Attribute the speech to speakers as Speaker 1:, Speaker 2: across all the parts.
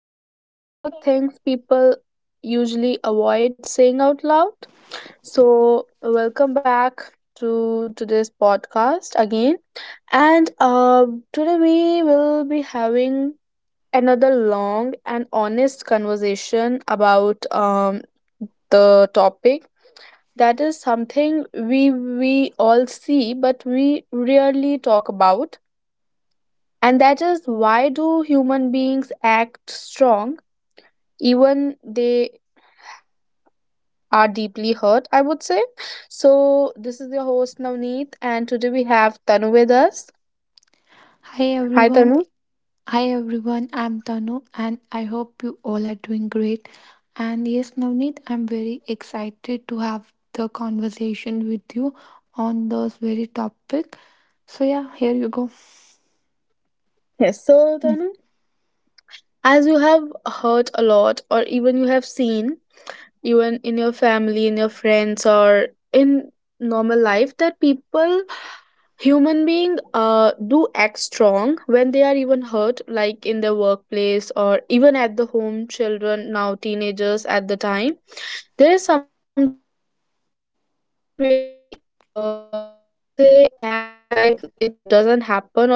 Speaker 1: where we talk about things people usually avoid saying out loud. So, welcome back to today's podcast again. And Today we will be having another long and honest conversation about the topic that is something we all see but we rarely talk about, and that is, why do human beings act strong even they are deeply hurt, I would say. So this is your host, Navneet, and today we have Tanu with us.
Speaker 2: Hi
Speaker 1: Hi,
Speaker 2: everyone.
Speaker 1: Tanu.
Speaker 2: Hi everyone. I'm Tanu and I hope you all are doing great. And yes, Navneet, I'm very excited to have the conversation with you on this very topic. So yeah, here you go.
Speaker 1: Yes, so
Speaker 2: Mm.
Speaker 1: Tanu, as you have heard a lot, or even you have seen, even in your family, in your friends, or in normal life, that people, human being, do act strong when they are even hurt, like in their workplace or even at the home, children, now teenagers. At the time, there is something when people really, I would say, act like it doesn't happen, or something is not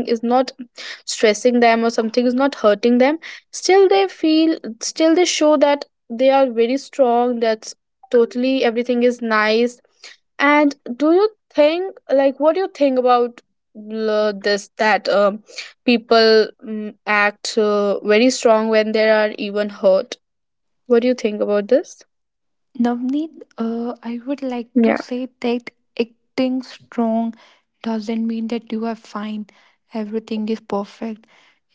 Speaker 1: stressing them, or something is not hurting them. Still, they feel, still, they show that they are very strong, that's totally, everything is nice. And do you think, like, what do you think about this, that people act very strong when they are even hurt? What do you think about this?
Speaker 2: Navneet, I would like to
Speaker 1: Yeah.
Speaker 2: say that acting strong doesn't mean that you are fine. Everything is perfect.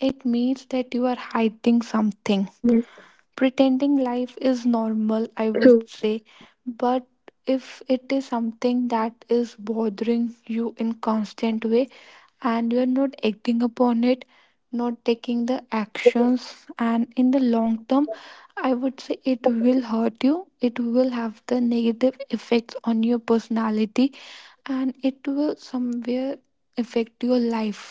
Speaker 2: It means that you are
Speaker 1: Yes,
Speaker 2: hiding something, pretending
Speaker 1: true.
Speaker 2: life is normal, I would say. But if it is something that is bothering you in constant way and you are not acting upon it, not taking the actions, and in the long term, I would say it will hurt you, it will have the negative effects on your personality, and it will somewhere affect your life,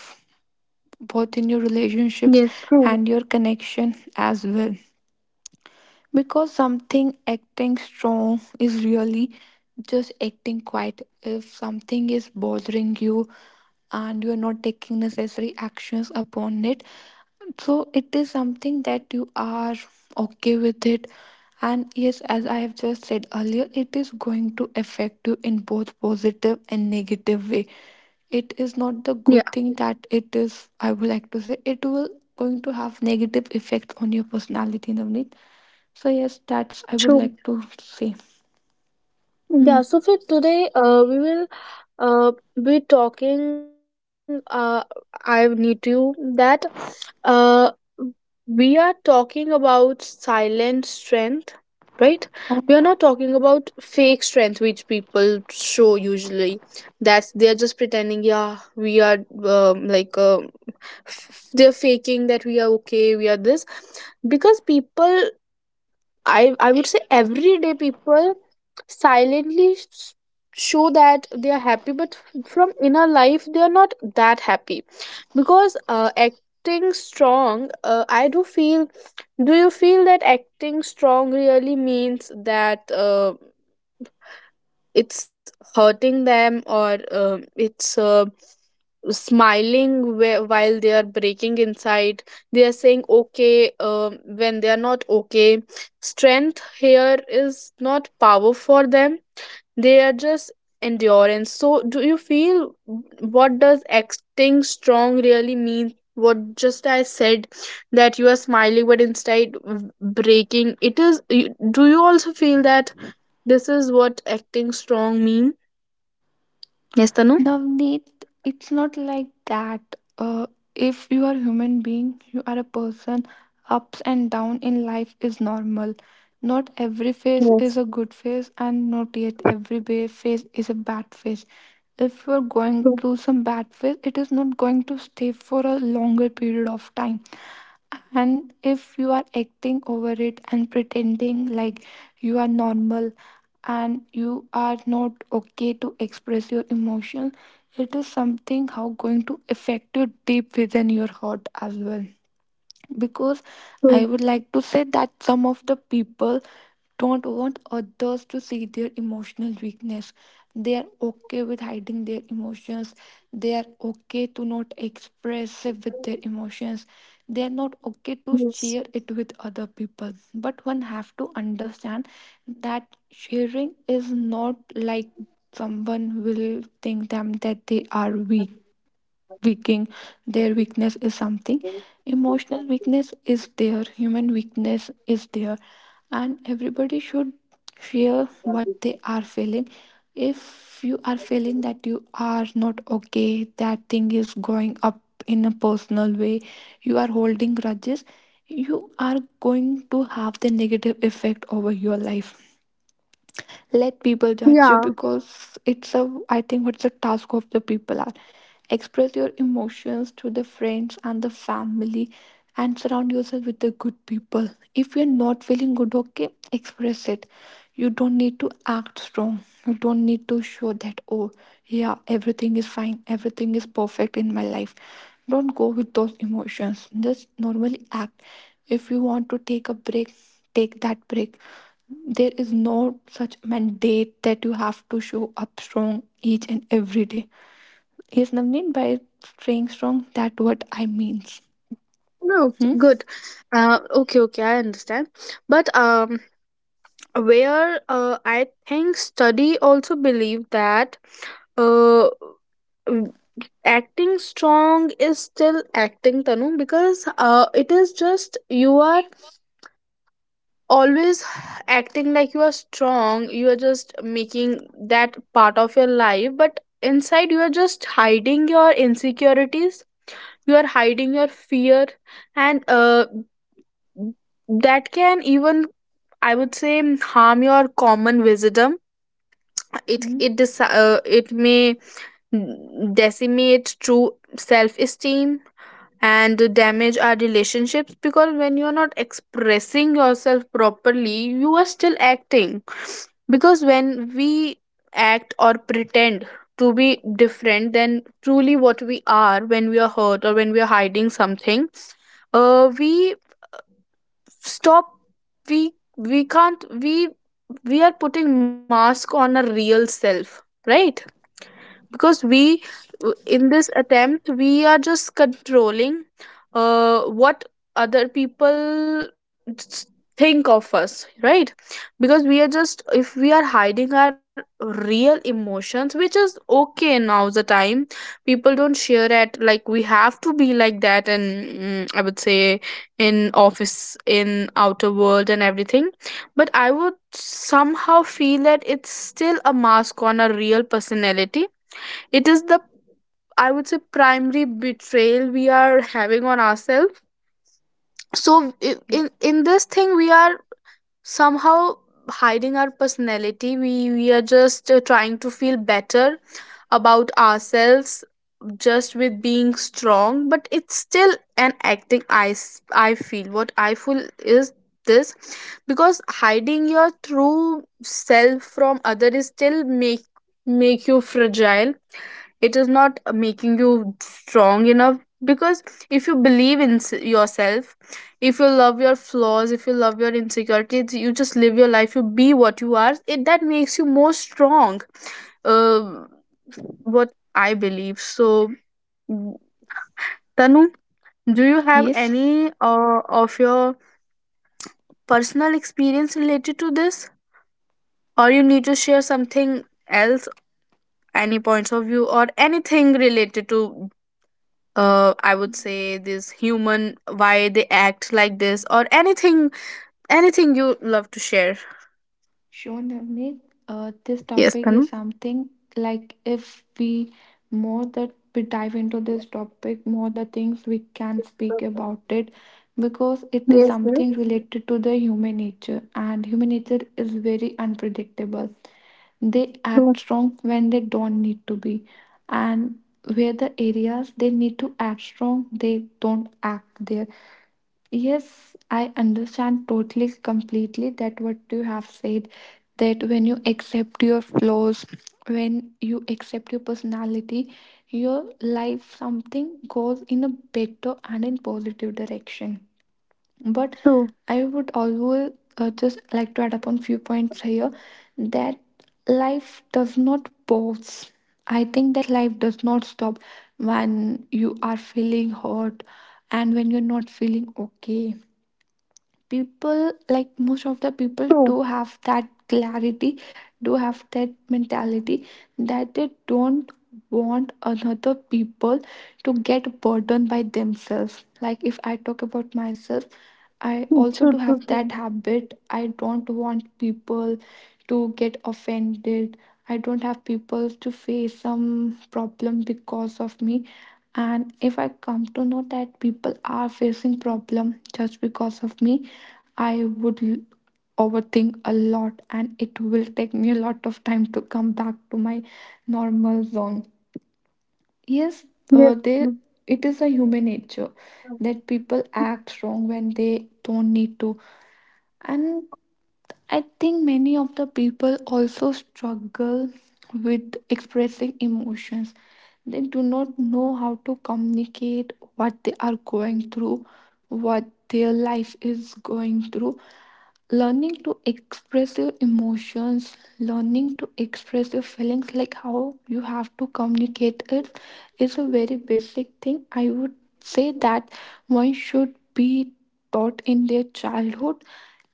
Speaker 2: both in your
Speaker 1: Yes,
Speaker 2: relationships
Speaker 1: true.
Speaker 2: and your connection as well. Because something acting strong is really just acting quiet. If something is bothering you and you are not taking necessary actions upon it, so it is something that you are okay with it. And yes, as I have just said earlier, it is going to affect you in both positive and negative way. It is not the
Speaker 1: Yeah,
Speaker 2: good thing that it is, I would like to say, it will going to have negative effect on your personality, Navneet. So yes, that's I would
Speaker 1: true.
Speaker 2: like to say. Hmm.
Speaker 1: Yeah, so for today, we will uh, be talking. I need to that uh, we are talking about silent strength, right? We are not talking about fake strength, which people show usually. That's they're just pretending. Yeah, we are like they're faking that we are okay, we are this, because people, I would say, everyday people silently show that they are happy, but from inner life they are not that happy. Because acting strong, I do feel, do you feel that acting strong really means that, it's hurting them, or um, it's smiling while they are breaking inside, they are saying okay when they are not okay, strength here is not power for them, they are just endurance. So do you feel, what does acting strong really mean? What just I said, that you are smiling but instead breaking, it is, do you also feel that this is what acting strong mean. Yes, Tanu?
Speaker 2: Navneet, it's not like that. Uh, if you are a human being, you are a person. Ups and down in life is normal. Not every phase is
Speaker 1: Yes,
Speaker 2: a good phase, and not yet every phase is a bad phase. If you are going
Speaker 1: true,
Speaker 2: through some bad phase, it is not going to stay for a longer period of time. And if you are acting over it and pretending like you are normal and you are not okay to express your emotion, it is something how going to affect you deep within your heart as well. Because I
Speaker 1: true.
Speaker 2: would like to say that some of the people don't want others to see their emotional weakness. They are okay with hiding their emotions. They are okay to not expressive with their emotions. They are not okay to
Speaker 1: Yes.
Speaker 2: share it with other people. But one have to understand that sharing is not like someone will think them that they are weak, weaking, their weakness is something, emotional weakness is there, human weakness is there, and everybody should share what they are feeling. If you are feeling that you are not okay, that thing is going up in a personal way, you are holding grudges, you are going to have the negative effect over your life. Let people judge you,
Speaker 1: Yeah.
Speaker 2: because it's a, I think what's the task of the people are, express your emotions to the friends and the family and surround yourself with the good people. If you're not feeling good, okay, express it. You don't need to act strong. You don't need to show that, oh yeah, everything is fine, everything is perfect in my life. Don't go with those emotions, just normally act. If you want to take a break, take that break. There is no such mandate that you have to show up strong each and every day. Yes, Navneen, by staying strong, that what I means.
Speaker 1: No, okay,
Speaker 2: Hmm?
Speaker 1: good. Okay, okay, I understand. But where I think study also believe that, uh, w- acting strong is still acting, Tanu, because it is just, you are always acting like you are strong, you are just making that part of your life, but inside you are just hiding your insecurities, you are hiding your fear. And that can even, I would say, harm your common wisdom. it
Speaker 2: Hmm?
Speaker 1: it deci- it may decimate true self esteem and damage our relationships, because when you're not expressing yourself properly you are still acting. Because when we act or pretend to be different than truly what we are, when we are hurt or when we are hiding something, we stop, we we can't we are putting mask on a real self, right? Because in this attempt we are just controlling what other people think of us, right? Because we are just, if we are hiding our real emotions, which is okay, now the time people don't share it, like, we have to be like that. And I would say, in office, in outer world and everything, but I would somehow feel that it's still a mask on a real personality. It is the, I would say, primary betrayal we are having on ourselves. So,
Speaker 2: Yes.
Speaker 1: in this thing we are somehow hiding our personality, we are just trying to feel better about ourselves, just with being strong, but it's still an acting. I feel, what I feel is this, because hiding your true self from other is still make, make you fragile, it is not making you strong enough. Because if you believe in yourself, if you love your flaws, if you love your insecurities, you just live your life, you be what you are, it that makes you more strong, uh, what I believe. So mm, Tanu, do you have
Speaker 2: Yes.
Speaker 1: any of your personal experience related to this, or you need to share something else, any points of view or anything related to, I would say, this human, why they act like this, or anything, anything you love to share?
Speaker 2: Sure, Navneet. This
Speaker 1: Yes,
Speaker 2: topic is
Speaker 1: Tanu?
Speaker 2: something, like if we more that we dive into this topic, more the things we can speak about it, because it is
Speaker 1: Yes, yes.
Speaker 2: something related to the human nature and human nature is very unpredictable. They act
Speaker 1: True.
Speaker 2: strong when they don't need to be, and where the areas they need to act strong, they don't act there. Yes, I understand totally, completely that what you have said, that when you accept your flaws, when you accept your personality, your life something goes in a better and in positive direction. But
Speaker 1: True.
Speaker 2: I would always just like to add upon few points here, that life does not pause. I think that life does not stop when you are feeling hurt and when you're not feeling okay. People, like most of the people,
Speaker 1: True.
Speaker 2: do have that clarity, do have that mentality, that they don't want another people to get burdened by themselves. Like if I talk about myself, I
Speaker 1: True.
Speaker 2: also
Speaker 1: True.
Speaker 2: do have that
Speaker 1: True.
Speaker 2: habit. I don't want people to get offended, I don't have people to face some problem because of me, and if I come to know that people are facing problem just because of me, i would l- overthink a lot and it will take me a lot of time to come back to my normal zone. Yes,
Speaker 1: Yes.
Speaker 2: they,
Speaker 1: Tanu.
Speaker 2: it is a human nature that people act wrong when they don't need to. And I think many of the people also struggle with expressing emotions. They do not know how to communicate what they are going through, what their life is going through. Learning to express your emotions, learning to express your feelings, like how you have to communicate it, is a very basic thing. I would say that one should be taught in their childhood.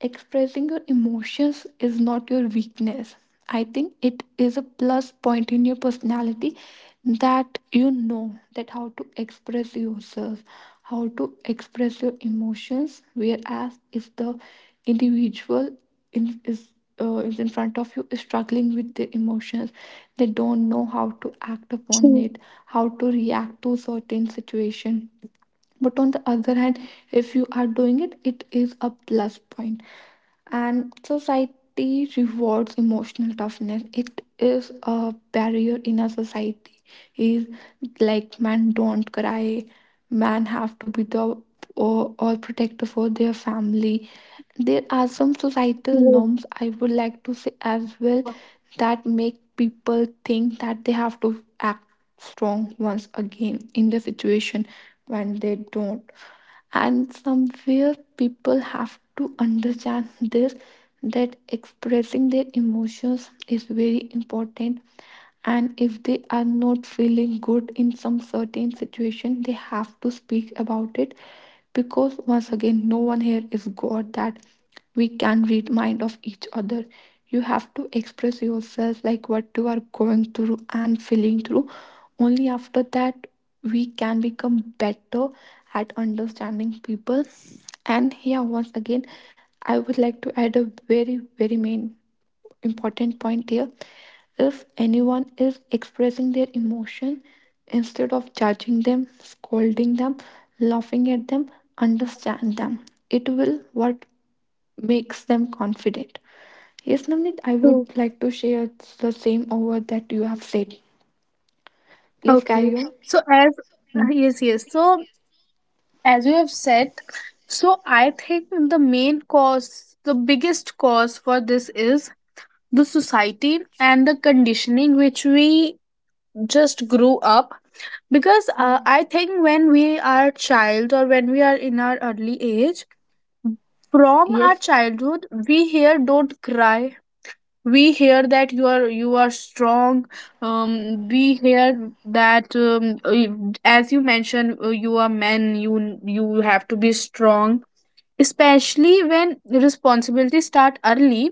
Speaker 2: Expressing your emotions is not your weakness. I think it is a plus point in your personality, that you know that how to express yourself, how to express your emotions. Whereas if the individual in, is in front of you is struggling with their emotions, they don't know how to act
Speaker 1: True.
Speaker 2: upon it, how to react to certain situation. But on the other hand, if you are doing it, it is a plus point. And society rewards emotional toughness, it is a barrier in a society, is like men don't cry. Men have to be the or protector for their family. There are some
Speaker 1: Yes.
Speaker 2: societal norms, I would like to say as well, that make people think that they have to act strong once again in the situation when they don't. And somewhere people have to understand this, that expressing their emotions is very important, and if they are not feeling good in some certain situation, they have to speak about it. Because once again, no one here is god, that we can read mind of each other. You have to express yourself, like what you are going through and feeling through. Only after that we can become better at understanding people. And here, once again, I would like to add a very, very main important point here. If anyone is expressing their emotion, instead of judging them, scolding them, laughing at them, understand them. It will what makes them confident. Yes, Namnit, I
Speaker 1: True.
Speaker 2: would like to share the same over that you have said. Please
Speaker 1: Okay.
Speaker 2: carry on.
Speaker 1: So as yes, yes. So as you have said, so I think the main cause, the biggest cause for this is the society and the conditioning which we just grew up. Because
Speaker 2: Mhm.
Speaker 1: I think when we are child or when we are in our early age, from our
Speaker 2: Yes,
Speaker 1: childhood we hear, don't cry, we hear that you are, you are strong, we hear that as you mentioned, you are men, you have to be strong, especially when responsibilities start early,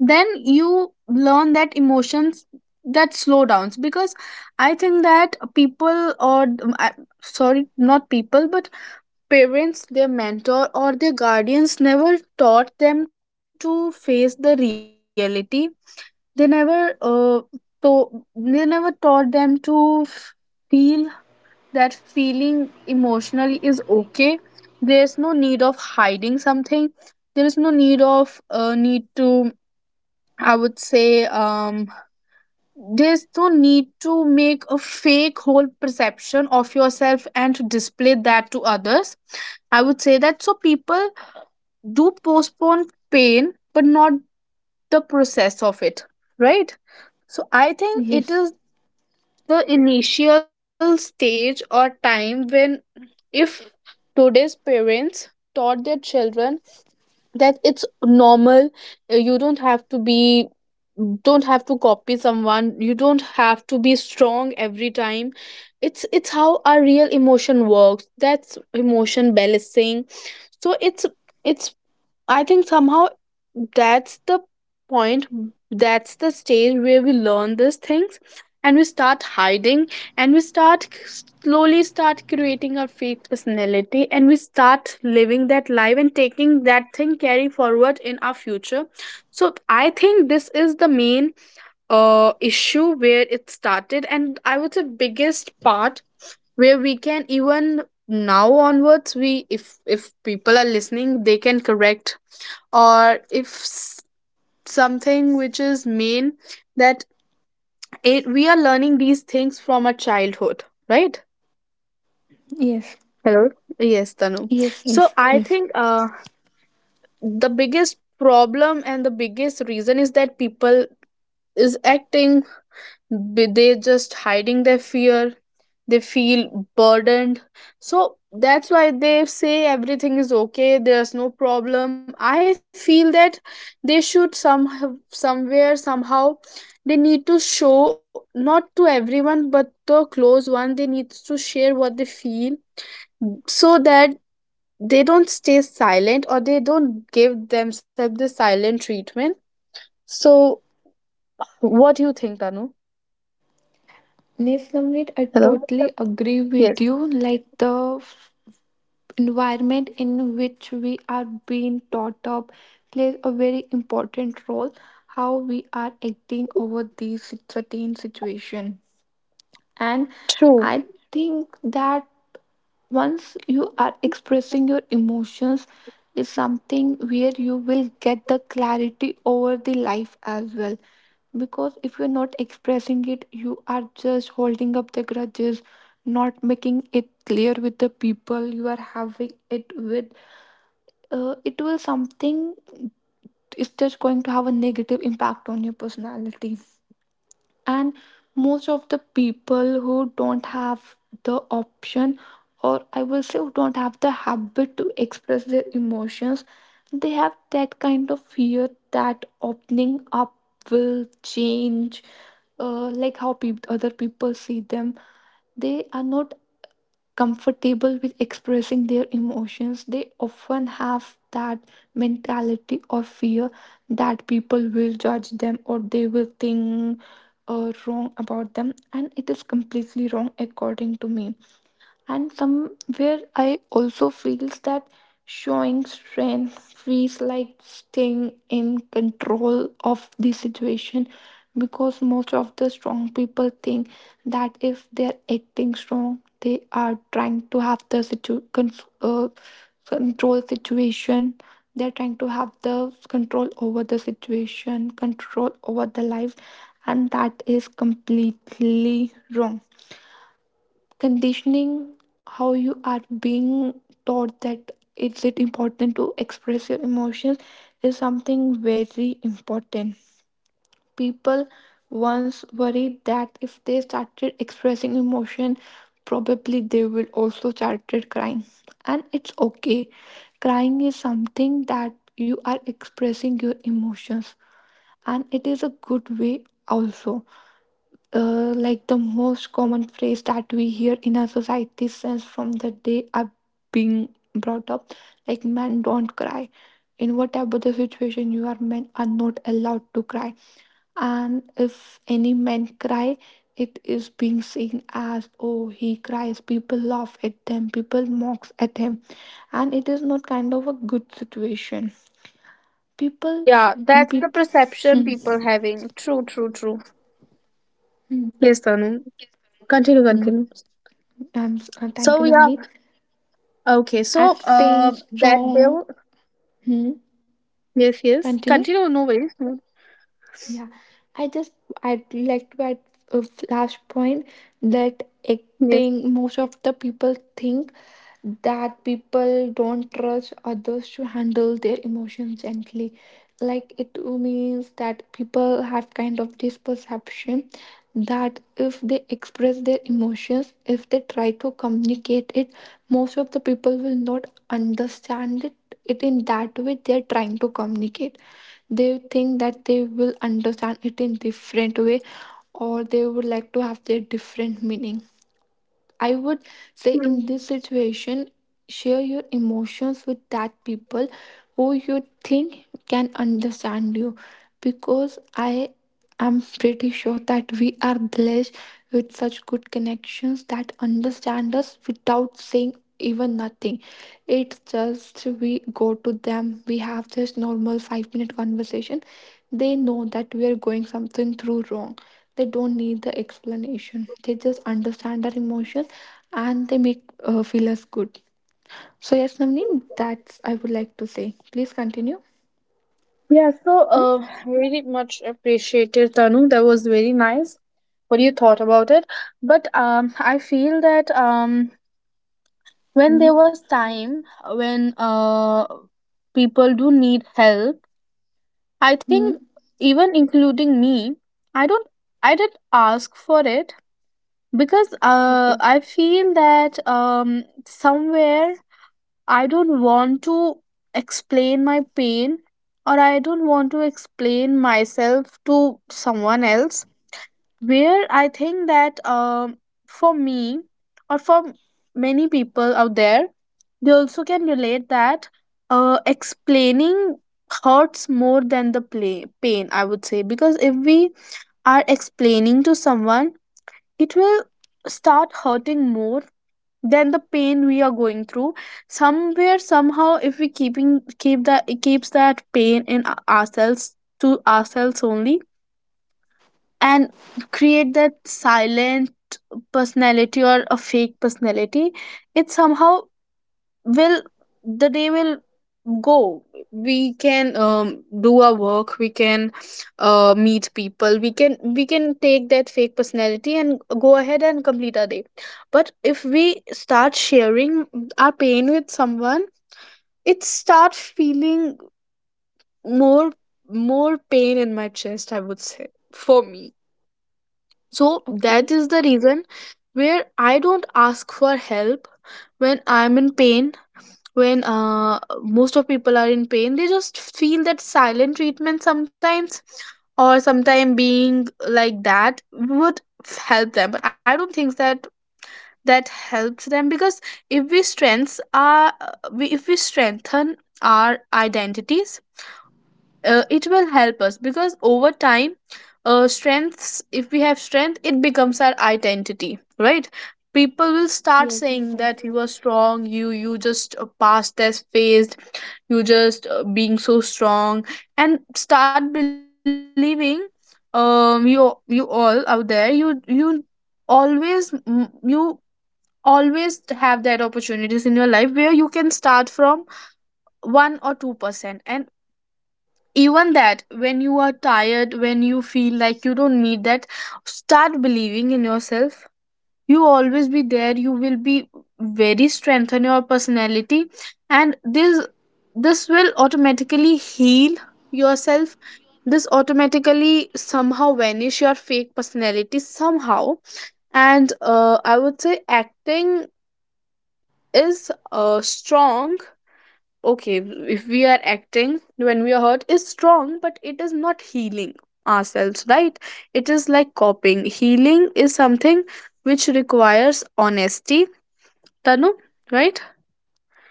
Speaker 1: then you learn that emotions, that slow downs. Because I think that people, or sorry, not people, but parents, their mentor or their guardians never taught them to face the reality. They never to they never taught them to feel, that feeling emotionally is okay, there's no need of hiding something, there is no need of need to I would say there's no need to make a fake whole perception of yourself and to display that to others. I would say that so people do postpone pain, but not the process of it, right? So I think it is
Speaker 2: yes,
Speaker 1: the initial stage or time when, if today's parents taught their children that it's normal, you don't have to be, don't have to copy someone, you don't have to be strong every time, it's how our real emotion works, that's emotion balancing. So it's, I think somehow that's the point, that's the stage where we learn these things, and we start hiding, and we start slowly start creating our fake personality, and we start living that life and taking that thing carry forward in our future. So I think this is the main issue where it started, and I would say biggest part where we can even now onwards, we, if people are listening, they can correct, or if something which is mean, that it, we are learning these things from our childhood, right?
Speaker 2: yes,
Speaker 1: Hello. Yes, Tanu.
Speaker 2: yes,
Speaker 1: So
Speaker 2: yes,
Speaker 1: I
Speaker 2: yes.
Speaker 1: think the biggest problem and the biggest reason is that people is acting, they just hiding their fear, they feel burdened, so that's why they say everything is okay, there's no problem. I feel that they should some, somewhere somehow, they need to show, not to everyone but the close one, they need to share what they feel, so that they don't stay silent or they don't give themselves the silent treatment. So what do you think, Tanu?
Speaker 2: Yes, Namrit, I
Speaker 1: Hello.
Speaker 2: totally agree with
Speaker 1: Yes.
Speaker 2: you. Like the environment in which we are being taught up plays a very important role. How we are acting over these certain situation. And I
Speaker 1: True.
Speaker 2: think that once you are expressing your emotions is something where you will get the clarity over the life as well. Because if you're not expressing it, you are just holding up the grudges, not making it clear with the people you are having it with. It will something is just going to have a negative impact on your personality. And most of the people who don't have the option, or I will say who don't have the habit to express their emotions, they have that kind of fear that opening up will change, like how peop other people see them. They are not comfortable with expressing their emotions, they often have that mentality of fear that people will judge them or they will think wrong about them, and it is completely wrong according to me. And somewhere I also feels that showing strength feels like staying in control of the situation, because most of the strong people think that if they're acting strong, they are trying to have the uh, control situation, they're trying to have the control over the situation, control over the life. And that is completely wrong. Conditioning, how you are being taught, that is it important to express your emotions, is something very important. People once worried that if they started expressing emotion, probably they will also started crying. And it's okay, crying is something that you are expressing your emotions, and it is a good way also. Like the most common phrase that we hear in our society since from the day are being brought up, like men don't cry, in whatever the situation you are, men are not allowed to cry. And if any men cry, it is being seen as, oh he cries, people laugh at them, people mocks at him, and it is not kind of a good situation. people sh-
Speaker 1: Yeah, that's the
Speaker 2: People
Speaker 1: perception people having. True, true, true.
Speaker 2: Hmm. Hmm.
Speaker 1: Yes, Tanu. Continue,
Speaker 2: Hmm.
Speaker 1: continue.
Speaker 2: And thank
Speaker 1: So
Speaker 2: you,
Speaker 1: yeah,
Speaker 2: Navneet.
Speaker 1: okay. So
Speaker 2: Acting
Speaker 1: that
Speaker 2: strong.
Speaker 1: bill.
Speaker 2: Hmm.
Speaker 1: Yes, yes.
Speaker 2: Continue.
Speaker 1: Continue. No worries. No.
Speaker 2: Yeah, I just I'd like to add a flash point, that
Speaker 1: Yes.
Speaker 2: acting most of the people think that people don't trust others to handle their emotions gently. Like it means that people have kind of this perception that if they express their emotions, if they try to communicate it, most of the people will not understand it in that way they are trying to communicate. They think that they will understand it in different way, or they would like to have their different meaning. I would say,
Speaker 1: Mm.
Speaker 2: in this situation, share your emotions with that people who you think can understand you, because I am pretty sure that we are blessed with such good connections that understand us without saying even nothing. It's just we go to them, we have this normal 5-minute conversation. They know that we are going something through wrong. They don't need the explanation. They just understand our emotions, and they make feel us good. So yes, Navneen, that's I would like to say. Please continue.
Speaker 1: Yeah. So
Speaker 2: Hmm?
Speaker 1: very much appreciated, Tanu. That was very nice, what you thought about it. But I feel that when there
Speaker 2: Hmm.
Speaker 1: was time when people do need help, I think,
Speaker 2: Hmm?
Speaker 1: even including me, I don't. I did ask for it because
Speaker 2: Okay.
Speaker 1: I feel that somewhere I don't want to explain my pain, or I don't want to explain myself to someone else, where I think that for me or for many people out there, they also can relate that explaining hurts more than the pain, I would say, because if we are explaining to someone, it will start hurting more than the pain we are going through. Somewhere somehow, if we keep that, it keeps that pain in ourselves, to ourselves only, and create that silent personality or a fake personality. It somehow will, the day will go. We can do our work, we can meet people, we can take that fake personality and go ahead and complete our day. But if we start sharing our pain with someone, it start feeling more, more pain in my chest, I would say, for me. So that
Speaker 2: Okay.
Speaker 1: is the reason where I don't ask for help when I'm in pain. When most of people are in pain, they just feel that silent treatment sometimes, or sometime being like that would help them. But I don't think that that helps them, because if we strengths are we if we strengthen our identities, it will help us, because over time, strengths, if we have strength, it becomes our identity, right? People will start
Speaker 2: Yes, you
Speaker 1: saying
Speaker 2: are right.
Speaker 1: that you are strong, you just passed this phase, you just being so strong, and start believing. You all out there, you always you always have that opportunities in your life where you can start from 1 or 2%, and even that, when you are tired, when you feel like you don't need that, start believing in yourself. You always be there, you will be, very strengthen your personality, and this will automatically heal yourself. This automatically somehow vanish your fake personality somehow. And I would say acting is strong, okay? If we are acting when we are hurt is strong, but it is not healing ourselves, right? It is like coping. Healing is something which requires honesty, Tanu, right?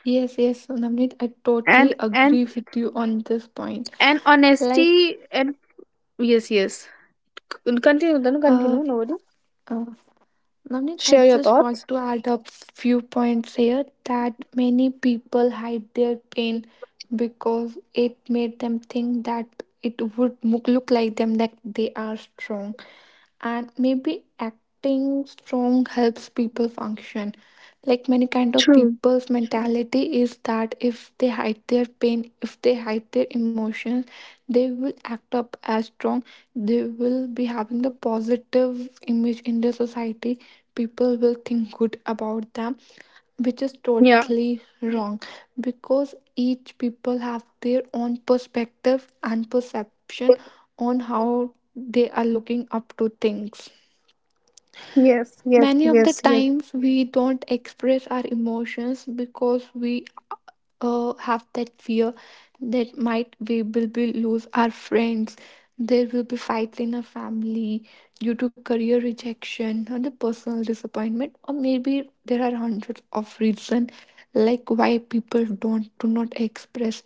Speaker 2: Yes, yes, Navneet, I totally
Speaker 1: And
Speaker 2: agree with you on this point.
Speaker 1: and
Speaker 2: Like,
Speaker 1: honesty and yes, yes, continue Tanu,
Speaker 2: uh,
Speaker 1: continue, nobody,
Speaker 2: uh, Navneet, I
Speaker 1: share your
Speaker 2: just
Speaker 1: thoughts,
Speaker 2: want to add a few points here that many people hide their pain because it made them think that it would look like them that they are strong. And maybe acting strong helps people function. Like many kind of
Speaker 1: true,
Speaker 2: people's mentality is that if they hide their pain, if they hide their emotions, they will act up as strong. They will be having the positive image in their society. People will think good about them, which is
Speaker 1: yeah,
Speaker 2: totally wrong, because each people have their own perspective and perception on how they are looking up to things.
Speaker 1: yes, yes,
Speaker 2: Many of
Speaker 1: yes,
Speaker 2: the
Speaker 1: yes,
Speaker 2: times we don't express our emotions because we have that fear that might we will be lose our friends. There will be fights in our family due to career rejection or the personal disappointment, or maybe there are hundreds of reasons like why people don't do not express.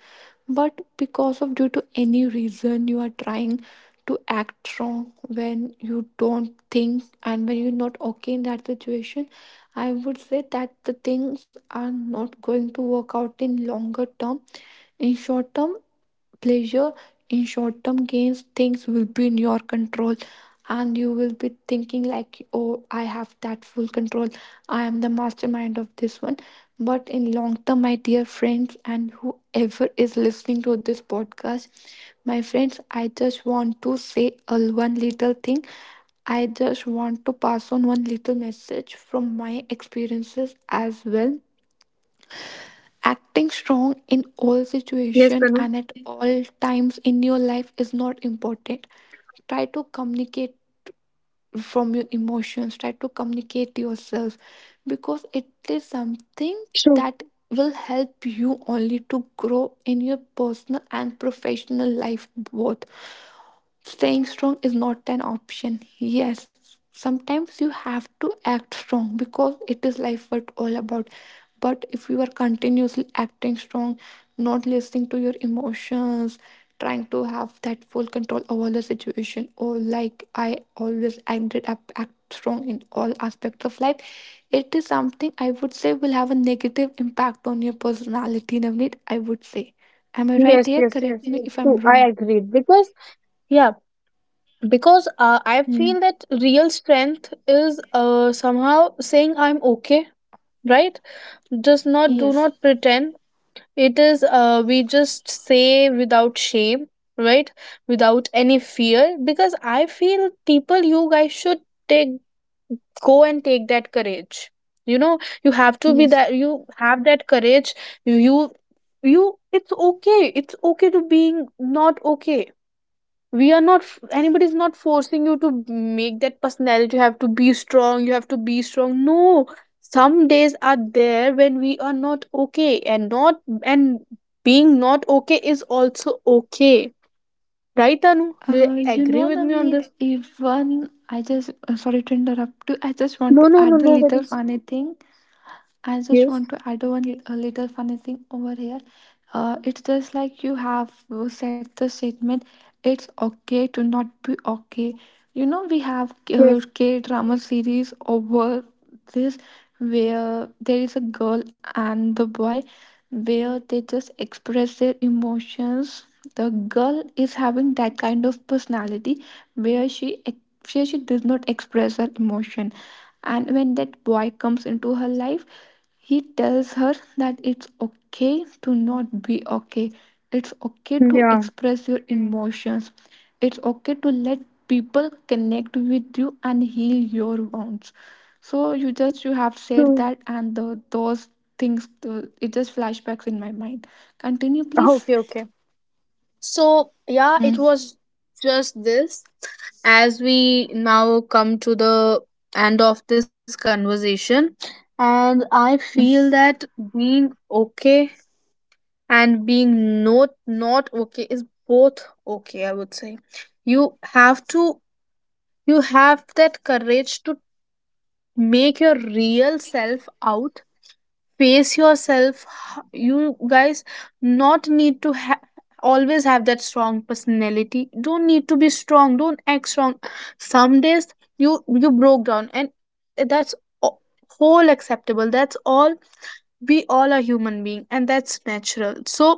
Speaker 2: But because of due to any reason you are trying to act wrong when you don't think and when you're not okay in that situation, I would say that the things are not going to work out in longer term. In short term pleasure, in short term gains, things will be in your control, and you will be thinking like, oh, I have that full control, I am the mastermind of this one. But in long term, my dear friends and whoever is listening to this podcast, my friends, I just want to say a one little thing. I just want to pass on one little message from my experiences as well. Acting strong in
Speaker 1: yes, Tanu,
Speaker 2: all situations and at all times in your life is not important. Try to communicate from your emotions, try to communicate yourself, because it is
Speaker 1: true,
Speaker 2: something that will help you only to grow in your personal and professional life both. Staying strong is not an option. Yes, sometimes you have to act strong because it is life what all about. But if you are continuously acting strong, not listening to your emotions, trying to have that full control over the situation, or like I always ended up act strong in all aspects of life, it is something I would say will have a negative impact on your personality, Navneet. I would say. Am I
Speaker 1: yes,
Speaker 2: right
Speaker 1: yes,
Speaker 2: here?
Speaker 1: yes,
Speaker 2: Correct
Speaker 1: yes,
Speaker 2: me if
Speaker 1: true,
Speaker 2: I'm
Speaker 1: I
Speaker 2: wrong.
Speaker 1: agreed, because yeah, because I
Speaker 2: Hmm.
Speaker 1: feel that real strength is somehow saying I'm okay, right? Just not, do
Speaker 2: Yes.
Speaker 1: not pretend. It is we just say without shame, right? Without any fear, because I feel people, you guys should take, go and take that courage, you know you have to be
Speaker 2: Yes.
Speaker 1: that. You have that courage, you you. It's okay, it's okay to being not okay. We are not anybody's not forcing you to make that personality, you have to be strong, you have to be strong, no. Some days are there when we are not okay, and not, and being not okay is also okay, right? Anu, do you agree with me on this?
Speaker 2: Navneet, even I just sorry to interrupt you. I just want
Speaker 1: No,
Speaker 2: to
Speaker 1: no, no,
Speaker 2: add the
Speaker 1: no, that
Speaker 2: little
Speaker 1: is
Speaker 2: funny thing. I just
Speaker 1: yes,
Speaker 2: want to add a little funny thing over here. It's just like you have said the statement, it's okay to not be okay. You know, we have
Speaker 1: yes,
Speaker 2: K drama series over this, where there is a girl and the boy where they just express their emotions. The girl is having that kind of personality where where she does not express her emotion, and when that boy comes into her life, he tells her that it's okay to not be okay. It's okay to
Speaker 1: yeah,
Speaker 2: express your emotions. It's okay to let people connect with you and heal your wounds. So you have said
Speaker 1: true.
Speaker 2: that, and those things, it just flashbacks in my mind. Continue please.
Speaker 1: Okay, okay. So yeah, it
Speaker 2: Mm.
Speaker 1: was just this. As we now come to the end of this conversation, and I feel
Speaker 2: Mm.
Speaker 1: that being okay and being not not okay is both okay, I would say. You have to, you have that courage to make your real self out, pace yourself. You guys not need to always have that strong personality. Don't need to be strong, don't act strong. Some days you, you broke down, and that's a- whole acceptable, that's all, we all are human being and that's natural. So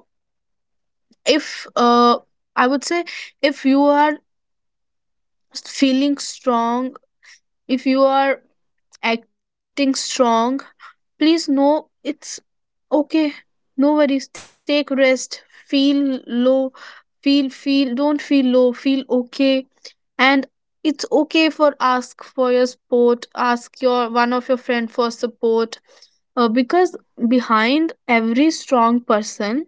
Speaker 1: if uh, I would say, if you are feeling strong, if you are acting strong, please know it's okay. No worries, take rest, feel low, feel, don't feel low, feel okay. And it's okay for ask for your support, ask your one of your friend for support, because behind every strong person,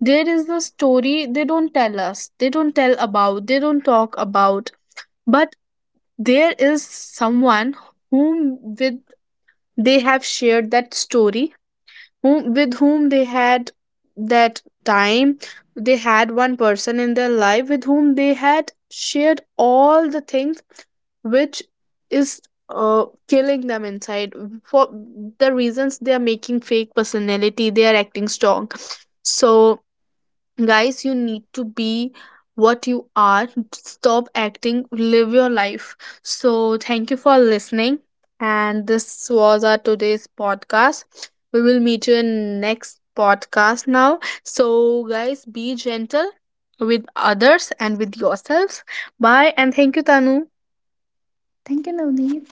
Speaker 1: there is the story, they don't tell us, they don't tell about, they don't talk about. But there is someone whom with they have shared that story, whom, with whom they had that time, they had one person in their life with whom they had shared all the things which is, killing them inside, for the reasons they are making fake personality, they are acting strong. So guys, you need to be what you are, stop acting, live your life. So thank you for listening, and this was our today's podcast. We will meet you in next podcast now. So guys, be gentle with others and with yourselves. Bye, and thank you Tanu.
Speaker 2: Thank you, Navneet.